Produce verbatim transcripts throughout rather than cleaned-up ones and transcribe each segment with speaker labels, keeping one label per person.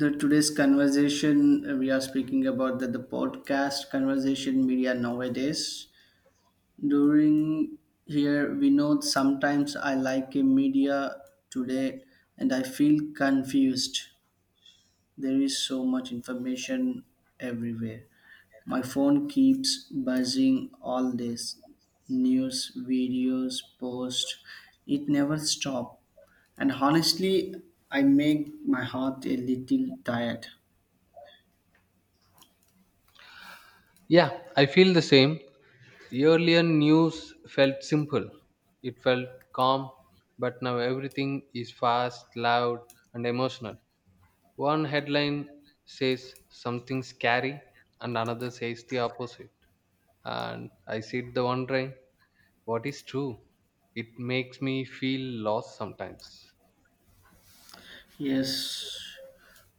Speaker 1: The today's conversation, uh, we are speaking about the, the podcast conversation media nowadays during here. We know sometimes I like a media today and I feel confused. There is so much information everywhere. My phone keeps buzzing all this news, videos, posts. It never stops. And honestly, I make my heart a little tired.
Speaker 2: Yeah, I feel the same. The earlier news felt simple, it felt calm, but now everything is fast, loud, and emotional. One headline says something scary, and another says the opposite. And I sit there wondering what is true. It makes me feel lost sometimes.
Speaker 1: Yes,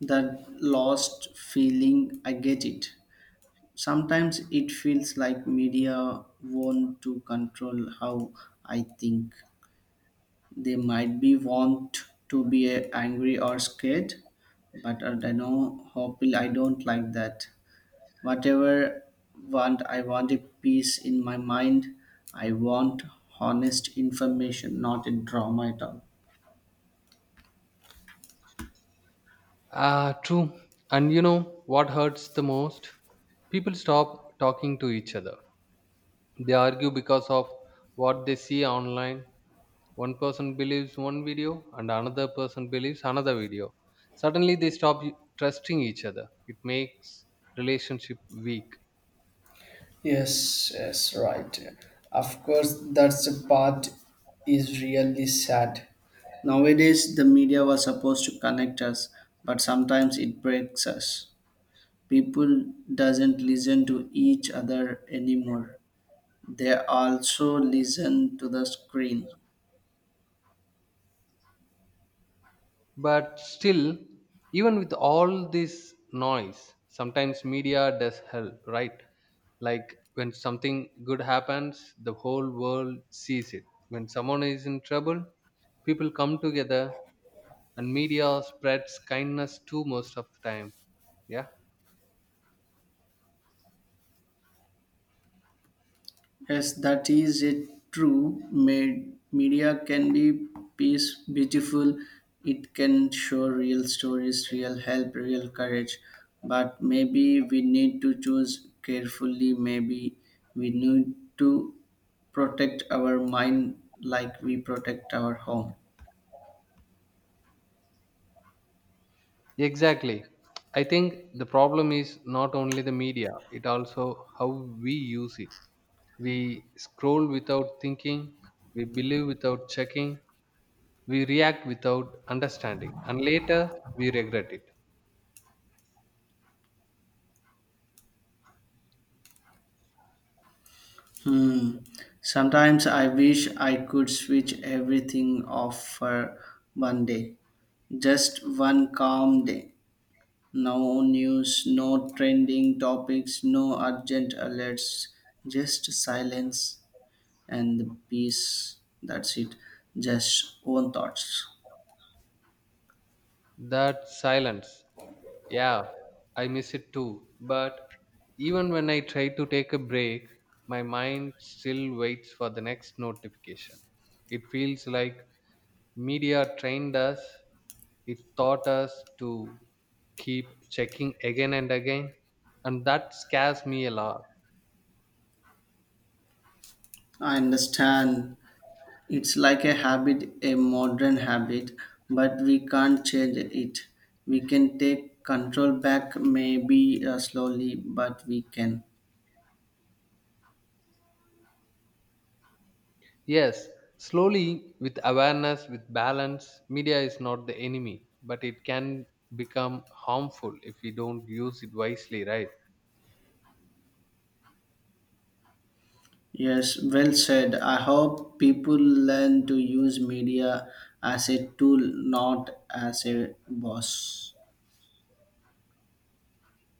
Speaker 1: that lost feeling, I get it. Sometimes it feels like media want to control how I think. They might be want to be uh, angry or scared, but I don't know, hopefully I don't like that. Whatever want, I want a peace in my mind. I want honest information, not a drama at all.
Speaker 2: Ah, true. And you know what hurts the most? People stop talking to each other. They argue because of what they see online. One person believes one video and another person believes another video. Suddenly they stop y- trusting each other. It makes relationship weak.
Speaker 1: Yes, yes, right. Of course, that's the part is really sad. Nowadays, the media was supposed to connect us, but sometimes it breaks us. People doesn't listen to each other anymore. They also listen to the screen.
Speaker 2: But still, even with all this noise, sometimes media does help, right? Like when something good happens, the whole world sees it. When someone is in trouble, people come together and media spreads kindness too most of the time. Yeah,
Speaker 1: Yes, that is a true. Made media can be piece beautiful. It can show real stories, real help, real courage. But maybe we need to choose carefully. Maybe we need to protect our mind like we protect our home.
Speaker 2: exactly. I think the problem is not only the media, it also how we use it. We scroll without thinking, we believe without checking, we react without understanding, and later we regret it.
Speaker 1: Hmm. Sometimes I wish I could switch everything off for one day, just one calm day. No news, no trending topics, no urgent alerts, just silence and the peace. That's it. Just own thoughts.
Speaker 2: That silence, yeah, I miss it too. But even when I try to take a break, my mind still waits for the next notification. It feels like media trained us, it taught us to keep checking again and again, and that scares me a lot.
Speaker 1: I understand it's like a habit, a modern habit, but we can't change it. We can take control back, maybe uh, slowly, but we can.
Speaker 2: Yes, slowly, with awareness, with balance, media is not the enemy, but it can become harmful if we don't use it wisely, right?
Speaker 1: Yes, well said. I hope people learn to use media as a tool, not as a boss.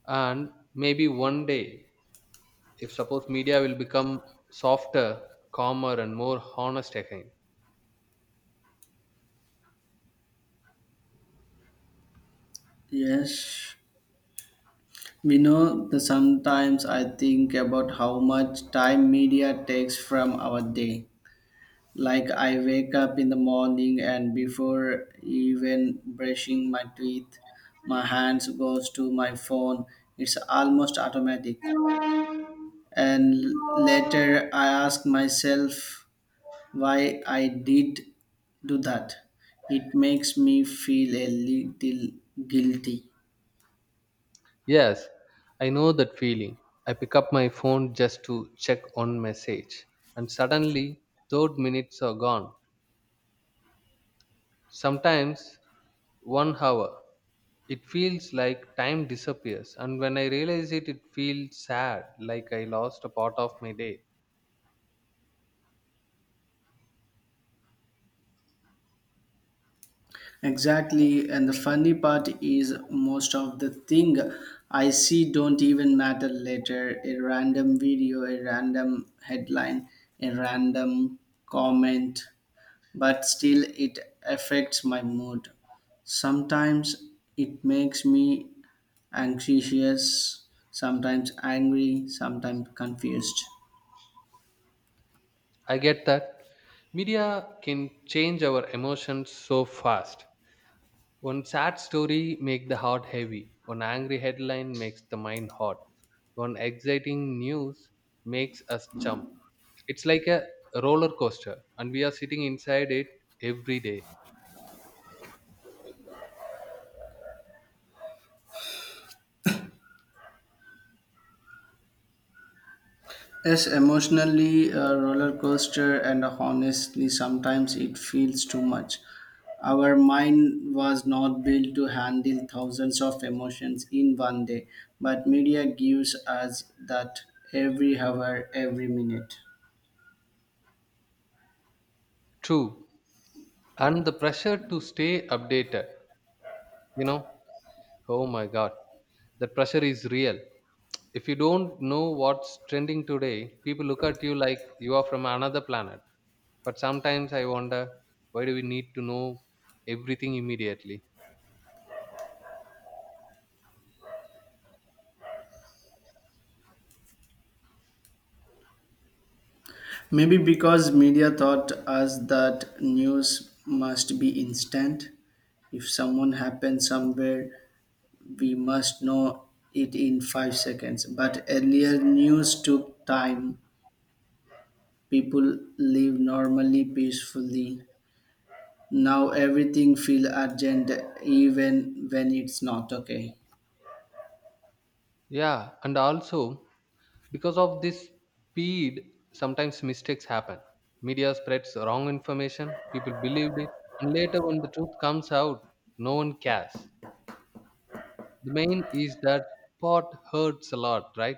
Speaker 2: And maybe one day, if suppose media will become softer, calmer, and more honest again.
Speaker 1: Yes, we know that sometimes I think about how much time media takes from our day. Like, I wake up in the morning, and before even brushing my teeth, my hands goes to my phone. It's almost automatic. And later, I ask myself, why I did do that. It makes me feel a little guilty.
Speaker 2: Yes, I know that feeling. I pick up my phone just to check one message, and suddenly those minutes are gone. Sometimes one hour. It feels like time disappears, and when I realize it, it feels sad, like I lost a part of my day.
Speaker 1: Exactly, and the funny part is most of the thing I see don't even matter later. A random video, a random headline, a random comment, but still it affects my mood. Sometimes it makes me anxious, sometimes angry, sometimes confused.
Speaker 2: I get that media can change our emotions so fast. One sad story makes the heart heavy. One angry headline makes the mind hot. One exciting news makes us jump. It's like a roller coaster and we are sitting inside it every day.
Speaker 1: Yes, emotionally a roller coaster, and honestly, sometimes it feels too much. Our mind was not built to handle thousands of emotions in one day, but media gives us that every hour, every minute.
Speaker 2: True. And the pressure to stay updated, you know, oh my god, the pressure is real. If you don't know what's trending today, people look at you like you are from another planet. But sometimes I wonder, why do we need to know everything immediately?
Speaker 1: Maybe because media taught us that news must be instant. If someone happens somewhere, we must know it in five seconds. But earlier news took time. People live normally peacefully. Now everything feel urgent even when it's not okay.
Speaker 2: Yeah, and also because of this speed, sometimes mistakes happen. Media spreads wrong information, people believed it, and later when the truth comes out, no one cares. The main is that pot hurts a lot, right?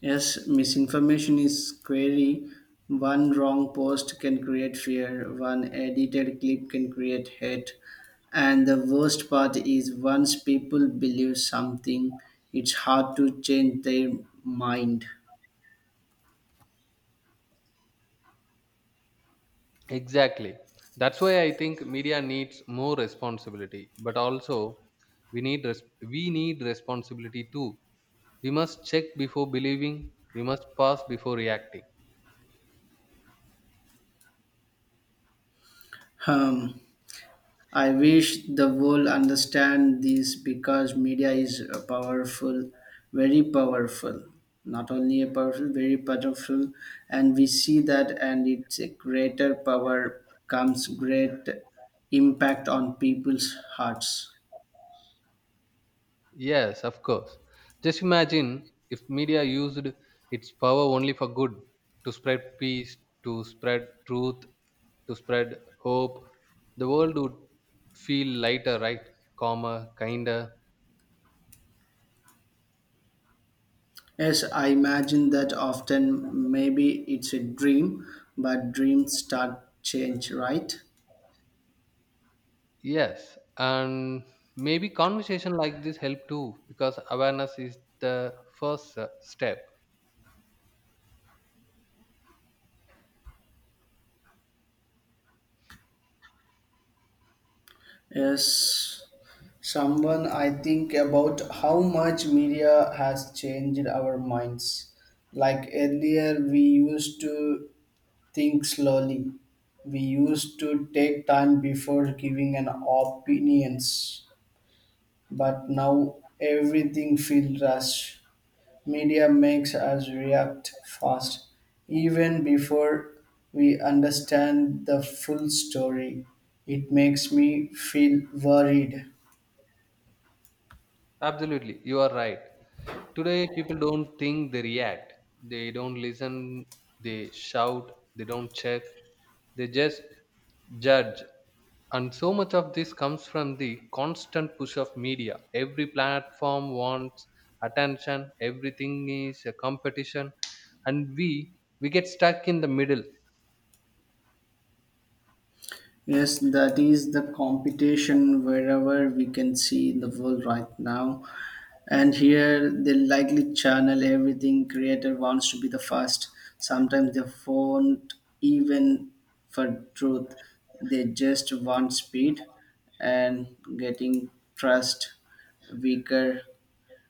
Speaker 1: Yes, misinformation is scary. One wrong post can create fear, one edited clip can create hate. And the worst part is once people believe something, it's hard to change their mind.
Speaker 2: Exactly. That's why I think media needs more responsibility, but also we need res- we need responsibility too. We must check before believing, we must pause before reacting.
Speaker 1: Um, I wish the world understand this because media is a powerful, very powerful, not only a powerful, very powerful, and we see that, and it's a greater power comes great impact on people's hearts.
Speaker 2: Yes, of course. Just imagine if media used its power only for good, to spread peace, to spread truth, to spread hope, the world would feel lighter, right? Calmer, kinder.
Speaker 1: Yes, I imagine that often maybe it's a dream, but dreams start change, right?
Speaker 2: Yes, and maybe conversation like this help too, because awareness is the first uh, step.
Speaker 1: Yes, someone I think about how much media has changed our minds. Like earlier, we used to think slowly. We used to take time before giving an opinions. But now everything feels rushed. Media makes us react fast, even before we understand the full story. It makes me feel worried.
Speaker 2: Absolutely, you are right. Today, people don't think, they react. They don't listen, they shout, they don't check, they just judge. And so much of this comes from the constant push of media. Every platform wants attention, everything is a competition, and we we get stuck in the middle.
Speaker 1: Yes, that is the competition wherever we can see in the world right now. And here they likely channel everything creator wants to be the first. Sometimes they won't even for truth. They just want speed and getting trust weaker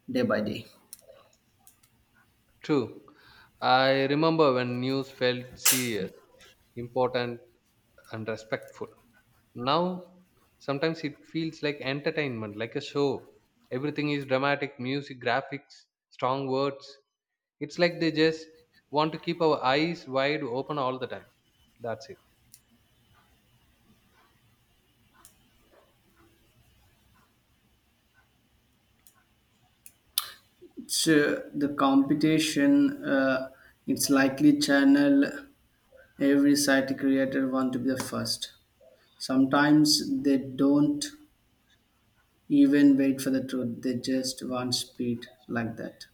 Speaker 1: day by day.
Speaker 2: True. I remember when news felt serious, important, and respectful. Now sometimes it feels like entertainment, like a show. Everything is dramatic music, graphics, strong words. It's like they just want to keep our eyes wide open all the time, that's it.
Speaker 1: So the competition, uh, it's likely channel every site creator want to be the first. Sometimes they don't even wait for the truth, they just want speed like that.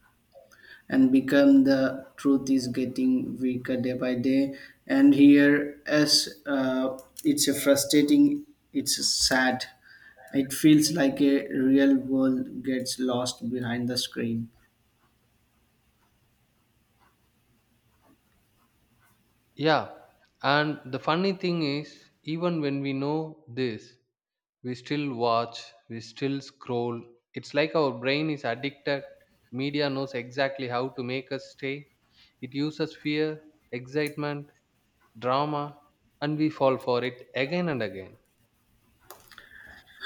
Speaker 1: And become the truth is getting weaker day by day. And here, as uh, it's a frustrating, it's sad. It feels like a real world gets lost behind the screen.
Speaker 2: Yeah, and the funny thing is, even when we know this, we still watch, we still scroll. It's like our brain is addicted. Media knows exactly how to make us stay. It uses fear, excitement, drama, and we fall for it again and again.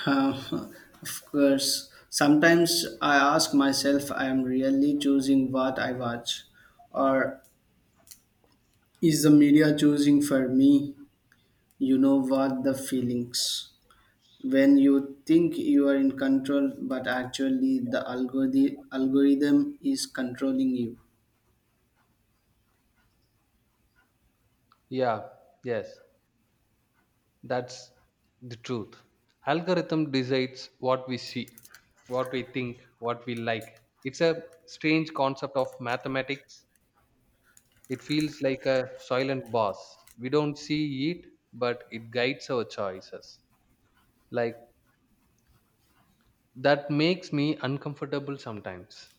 Speaker 1: Uh, of course, sometimes I ask myself, I am really choosing what I watch, or is the media choosing for me? You know what the feelings when you think you are in control, but actually the algorithm algorithm is controlling you.
Speaker 2: Yeah, yes, that's the truth. Algorithm decides what we see, what we think, what we like. It's a strange concept of mathematics. It feels like a silent boss. We don't see it, but it guides our choices, like that makes me uncomfortable sometimes.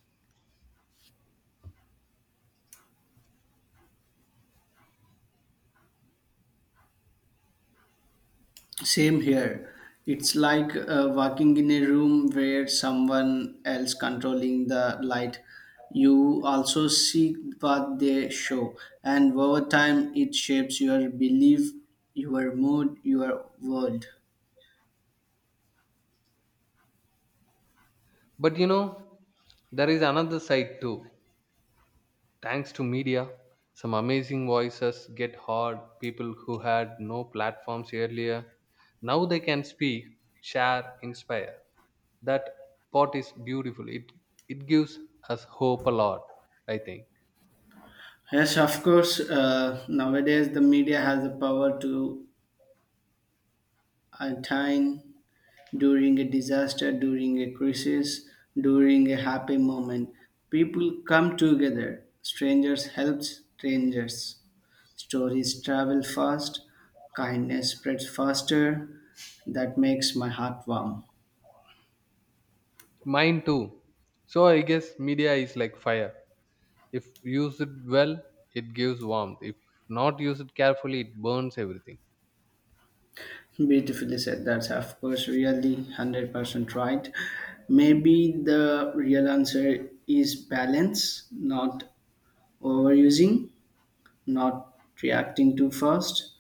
Speaker 1: Same here. It's like uh, walking in a room where someone else controlling the light. You also see what they show, and over time it shapes your belief, your mood, your world.
Speaker 2: But you know, there is another side too. Thanks to media, some amazing voices get heard. People who had no platforms earlier, now they can speak, share, inspire. That pot is beautiful. It it gives us hope a lot, I think.
Speaker 1: Yes, of course. Uh, nowadays, the media has the power to attain during a disaster, during a crisis, during a happy moment. People come together. Strangers help strangers. Stories travel fast. Kindness spreads faster. That makes my heart warm.
Speaker 2: Mine too. So I guess media is like fire. If used well, it gives warmth. If not used carefully, it burns everything.
Speaker 1: Beautifully said. That's of course really one hundred percent right. Maybe the real answer is balance, not overusing, not reacting too fast,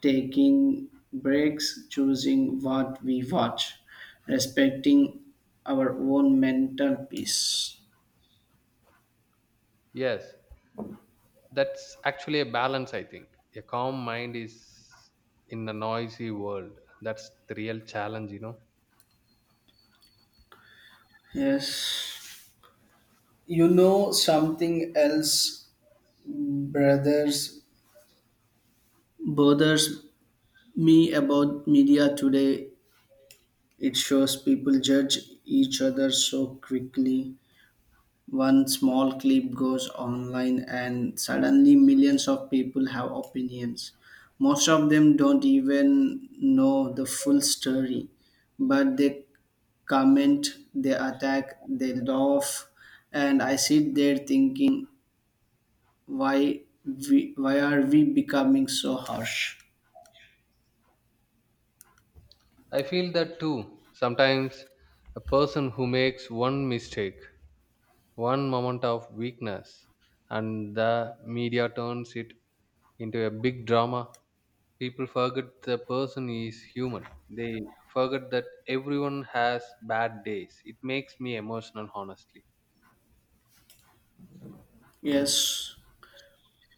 Speaker 1: taking breaks, choosing what we watch, respecting our own mental peace.
Speaker 2: Yes. That's actually a balance, I think. A calm mind is in a noisy world. That's the real challenge, you know.
Speaker 1: Yes. You know something else brothers bothers me about media today. It shows people judge each other so quickly. One small clip goes online, and suddenly millions of people have opinions. Most of them don't even know the full story, but they comment, they attack, they laugh, and I sit there thinking, why, we, why are we becoming so harsh?
Speaker 2: I feel that too. Sometimes a person who makes one mistake, one moment of weakness, and the media turns it into a big drama. People forget the person is human. They forget that everyone has bad days. It makes me emotional, honestly.
Speaker 1: Yes.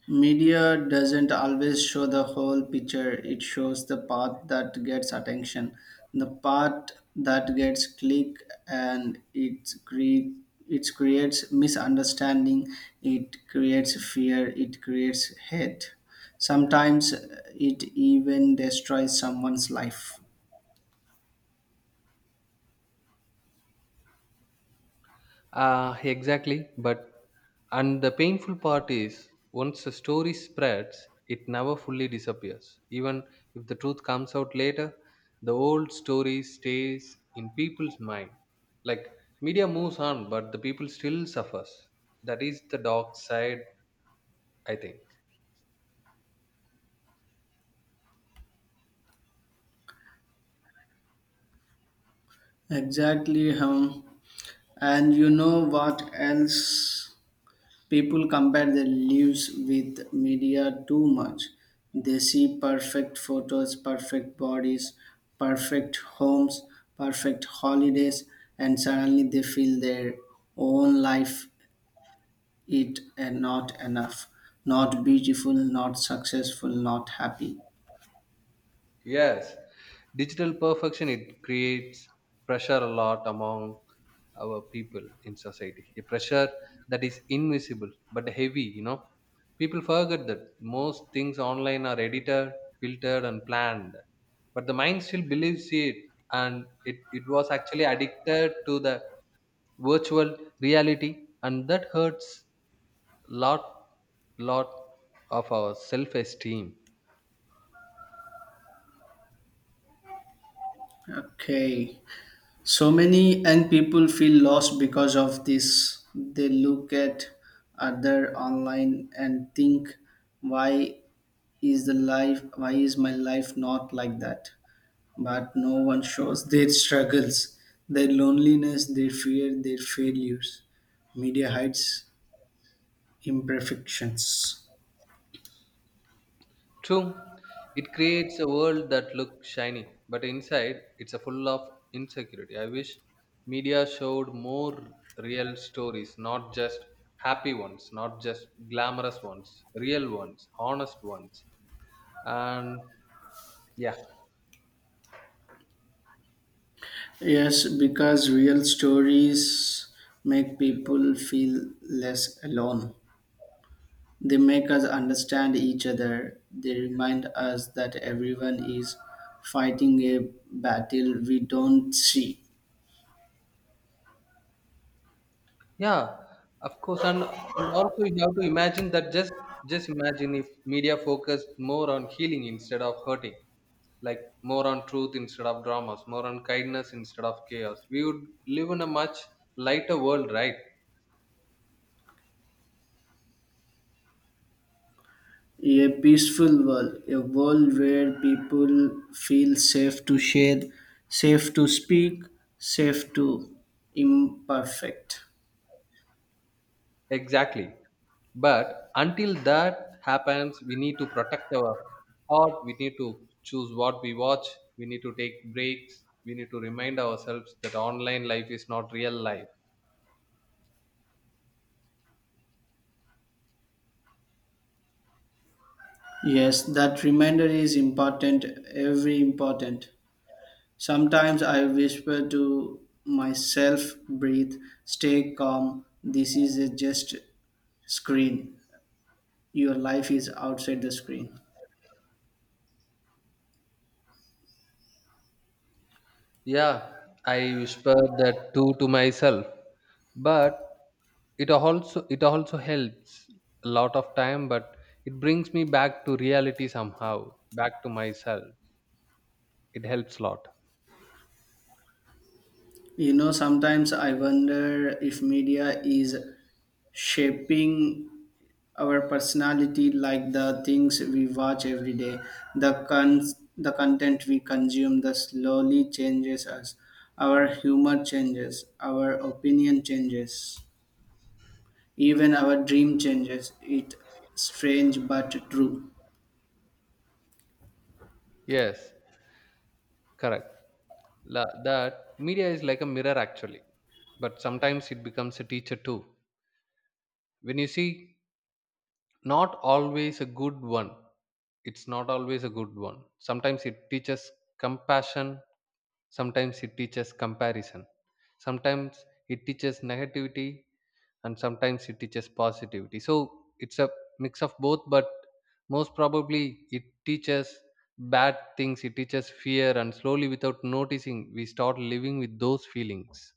Speaker 1: Media doesn't always show the whole picture, it shows the part that gets attention, the part that gets click, and it, cre- it creates misunderstanding, it creates fear, it creates hate. Sometimes uh, it even destroys someone's life.
Speaker 2: Uh, exactly. But and the painful part is, once a story spreads, it never fully disappears. Even if the truth comes out later, the old story stays in people's mind. Like media moves on, but the people still suffers. That is the dark side, I think.
Speaker 1: Exactly, hum. And you know what else? People compare their lives with media too much. They see perfect photos, perfect bodies, perfect homes, perfect holidays, and suddenly they feel their own life it and not enough, not beautiful, not successful, not happy.
Speaker 2: Yes, digital perfection, it creates pressure a lot among our people in society. A pressure that is invisible but heavy. You know, people forget that most things online are edited, filtered, and planned, but the mind still believes it, and it it was actually addicted to the virtual reality, and that hurts lot lot of our self esteem.
Speaker 1: Okay, so many young people feel lost because of this. They look at other online and think, why is the life, why is my life not like that? But no one shows their struggles, their loneliness, their fear, their failures. Media hides imperfections.
Speaker 2: True, it creates a world that looks shiny, but inside it's a full of insecurity. I wish media showed more real stories, not just happy ones, not just glamorous ones, real ones, honest ones. And yeah.
Speaker 1: Yes, because real stories make people feel less alone. They make us understand each other. They remind us that everyone is fighting a battle we don't see.
Speaker 2: Yeah, of course, and, and also you have to imagine that just just imagine if media focused more on healing instead of hurting, like more on truth instead of dramas, more on kindness instead of chaos. We would live in a much lighter world, right?
Speaker 1: A peaceful world, a world where people feel safe to share, safe to speak, safe to imperfect.
Speaker 2: Exactly. But until that happens, we need to protect our heart. We need to choose what we watch. We need to take breaks. We need to remind ourselves that online life is not real life.
Speaker 1: Yes, that reminder is important, every important. Sometimes I whisper to myself, breathe, stay calm. This is a just screen. Your life is outside the screen.
Speaker 2: Yeah, I whispered that too to myself, but it also it also helps a lot of time, but it brings me back to reality somehow, back to myself. It helps a lot.
Speaker 1: You know, sometimes I wonder if media is shaping our personality, like the things we watch every day, the cons- the content we consume the slowly changes us, our humor changes, our opinion changes, even our dream changes it. Strange but true.
Speaker 2: Yes, correct. La, that media is like a mirror actually, but sometimes it becomes a teacher too. When you see, not always a good one. It's not always a good one. Sometimes it teaches compassion. Sometimes it teaches comparison. Sometimes it teaches negativity, and sometimes it teaches positivity. So it's a mix of both, but most probably it teaches bad things, it teaches fear, and slowly without noticing, we start living with those feelings.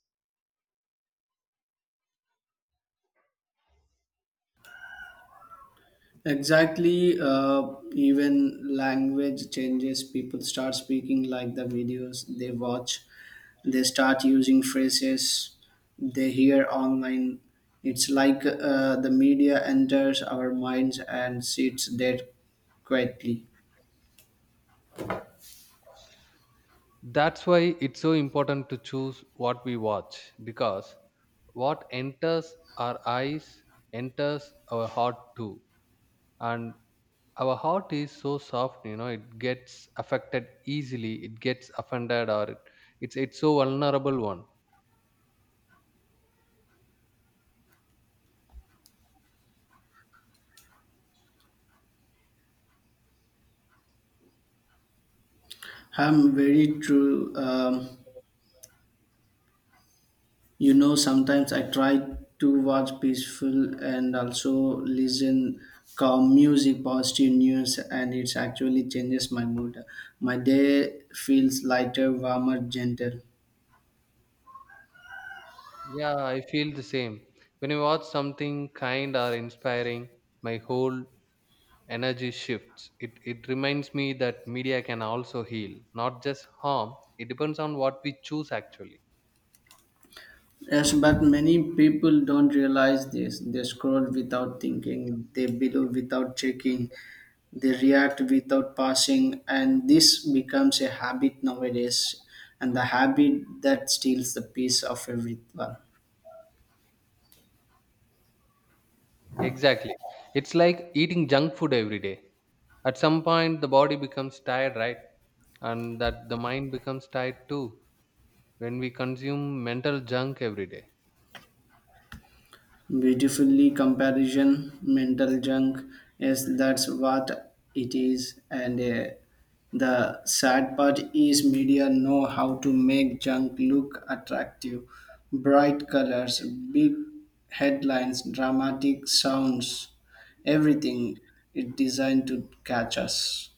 Speaker 1: Exactly, uh, even language changes. People start speaking like the videos they watch. They start using phrases they hear online. It's like uh, the media enters our minds and sits there quietly.
Speaker 2: That's why it's so important to choose what we watch, because what enters our eyes enters our heart too. And our heart is so soft, you know, it gets affected easily, it gets offended, or it, it's it's so vulnerable one.
Speaker 1: I'm very true. Um, You know, sometimes I try to watch peaceful and also listen calm music, positive news, and it actually changes my mood. My day feels lighter, warmer, gentle.
Speaker 2: Yeah, I feel the same. When you watch something kind or inspiring, my whole energy shifts. It it reminds me that media can also heal, not just harm. It depends on what we choose actually.
Speaker 1: Yes, but many people don't realize this. They scroll without thinking, they believe without checking, they react without passing, and this becomes a habit nowadays, and the habit that steals the peace of everyone.
Speaker 2: Exactly, it's like eating junk food every day. At some point the body becomes tired, right? And that the mind becomes tired too when we consume mental junk every day.
Speaker 1: Beautifully comparison, mental junk. Yes, that's what it is. And uh, the sad part is media know how to make junk look attractive. Bright colors, big headlines, dramatic sounds, everything is designed to catch us.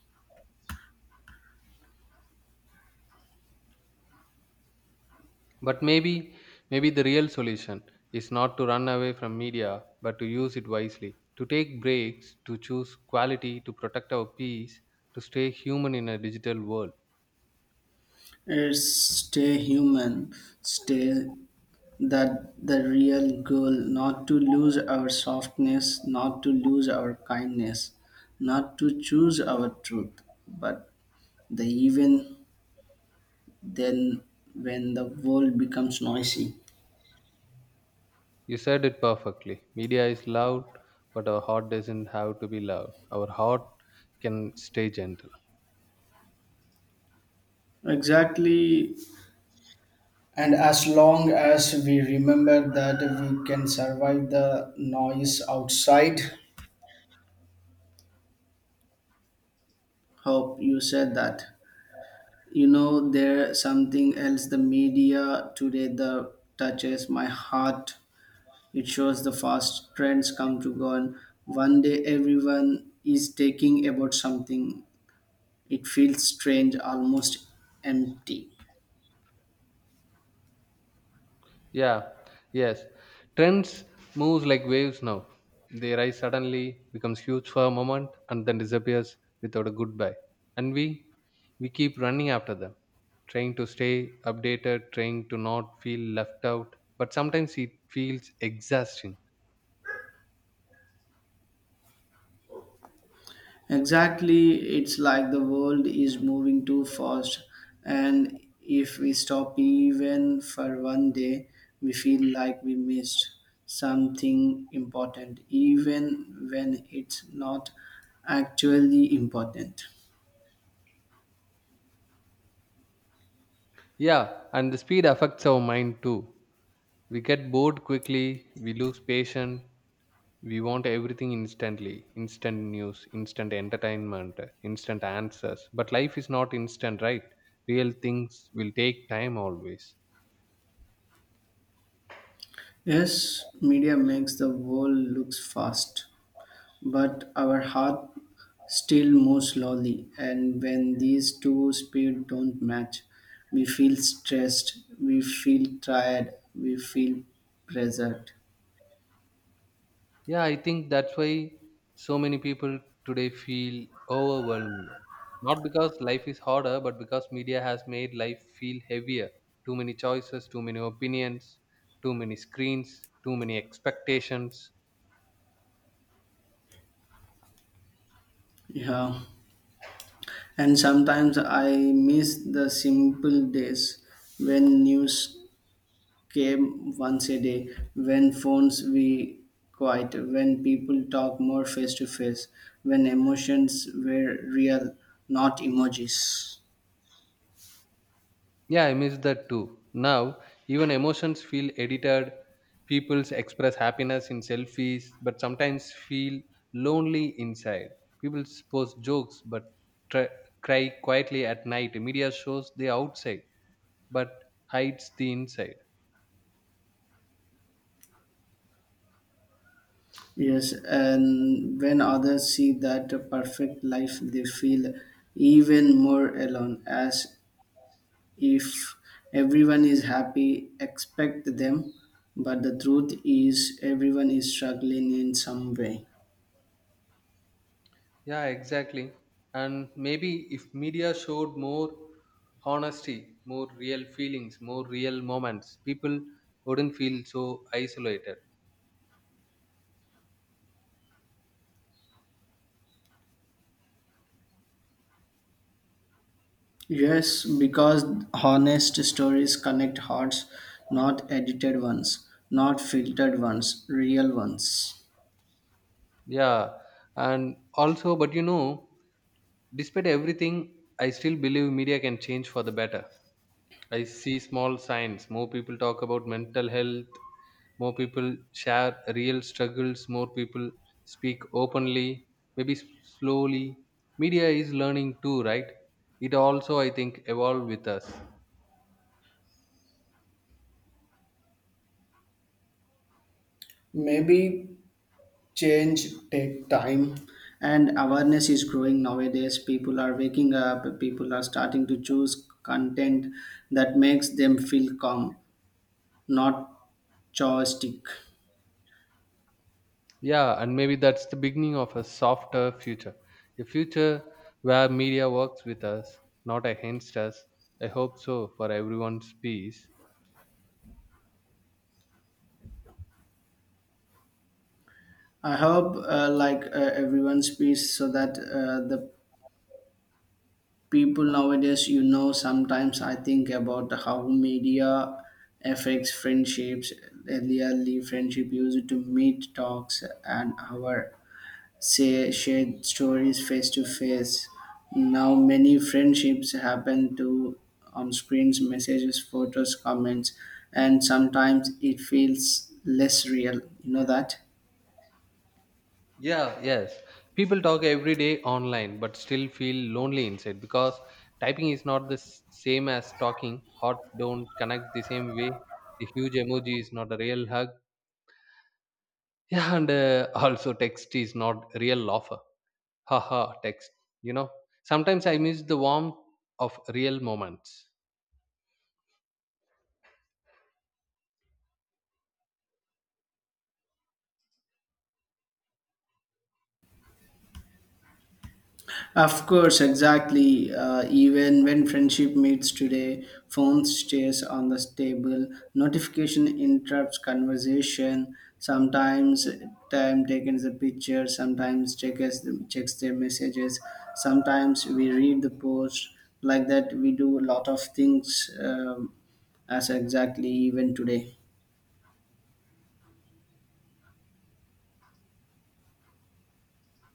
Speaker 2: But maybe, maybe the real solution is not to run away from media, but to use it wisely, to take breaks, to choose quality, to protect our peace, to stay human in a digital world.
Speaker 1: It's stay human, stay that the real goal, not to lose our softness, not to lose our kindness, not to choose our truth, but the even then when the world becomes noisy.
Speaker 2: You said it perfectly, media is loud but our heart doesn't have to be loud. Our heart can stay gentle.
Speaker 1: Exactly, and as long as we remember that, we can survive the noise outside. Hope you said that. You know there's something else the media today that touches my heart. It shows the fast trends come to go on. One day everyone is taking about something. It feels strange, almost empty.
Speaker 2: Yeah, yes. Trends moves like waves now. They rise suddenly, becomes huge for a moment, and then disappears without a goodbye. And we we keep running after them, trying to stay updated, trying to not feel left out. But sometimes it feels exhausting.
Speaker 1: Exactly, it's like the world is moving too fast, and if we stop even for one day, we feel like we missed something important, even when it's not actually important.
Speaker 2: Yeah, and the speed affects our mind too. We get bored quickly, we lose patience, we want everything instantly, instant news, instant entertainment, instant answers. But life is not instant, right? Real things will take time always.
Speaker 1: Yes, media makes the world looks fast, but our heart still moves slowly, and when these two speeds don't match, we feel stressed, we feel tired, we feel pressured.
Speaker 2: Yeah, I think that's why so many people today feel overwhelmed. Not because life is harder, but because media has made life feel heavier. Too many choices, too many opinions, too many screens, too many expectations.
Speaker 1: Yeah, and sometimes I miss the simple days, when news came once a day, when phones we quiet, when people talk more face to face, when emotions were real, not emojis.
Speaker 2: Yeah, I miss that too. Now, even emotions feel edited. People express happiness in selfies, but sometimes feel lonely inside. People post jokes, but try, cry quietly at night. Media shows the outside, but hides the inside.
Speaker 1: Yes, and when others see that perfect life, they feel even more alone, as if everyone is happy expect them. But the truth is, everyone is struggling in some way.
Speaker 2: Yeah, exactly. And maybe if media showed more honesty, more real feelings, more real moments, people wouldn't feel so isolated.
Speaker 1: Yes, because honest stories connect hearts, not edited ones, not filtered ones, real ones.
Speaker 2: Yeah, and also, but you know, despite everything, I still believe media can change for the better. I see small signs. More people talk about mental health. More people share real struggles. More people speak openly. Maybe s- slowly. Media is learning too, right? It also, I think, evolve with us.
Speaker 1: Maybe change take time, and awareness is growing nowadays. People are waking up. People are starting to choose content that makes them feel calm, not joystick.
Speaker 2: Yeah, and maybe that's the beginning of a softer future. A future where media works with us, not against us. I hope so for everyone's peace.
Speaker 1: I hope uh, like uh, everyone's peace so that uh, the people nowadays, you know, sometimes I think about how media affects friendships. Earlier friendship used to meet talks an hour, say shared stories face to face. Now many friendships happen to on screens, messages, photos, comments, and sometimes it feels less real. You know that?
Speaker 2: Yeah, yes. People talk every day online but still feel lonely inside because typing is not the s- same as talking. Hearts don't connect the same way. A huge emoji is not a real hug. Yeah, and uh, also text is not real offer. Haha, text. You know, sometimes I miss the warmth of real moments.
Speaker 1: Of course, exactly. Uh, even when friendship meets today, phone stays on the table, notification interrupts conversation. Sometimes time taken the picture, sometimes checks checks their messages, sometimes we read the post. Like that, we do a lot of things um, as exactly even today.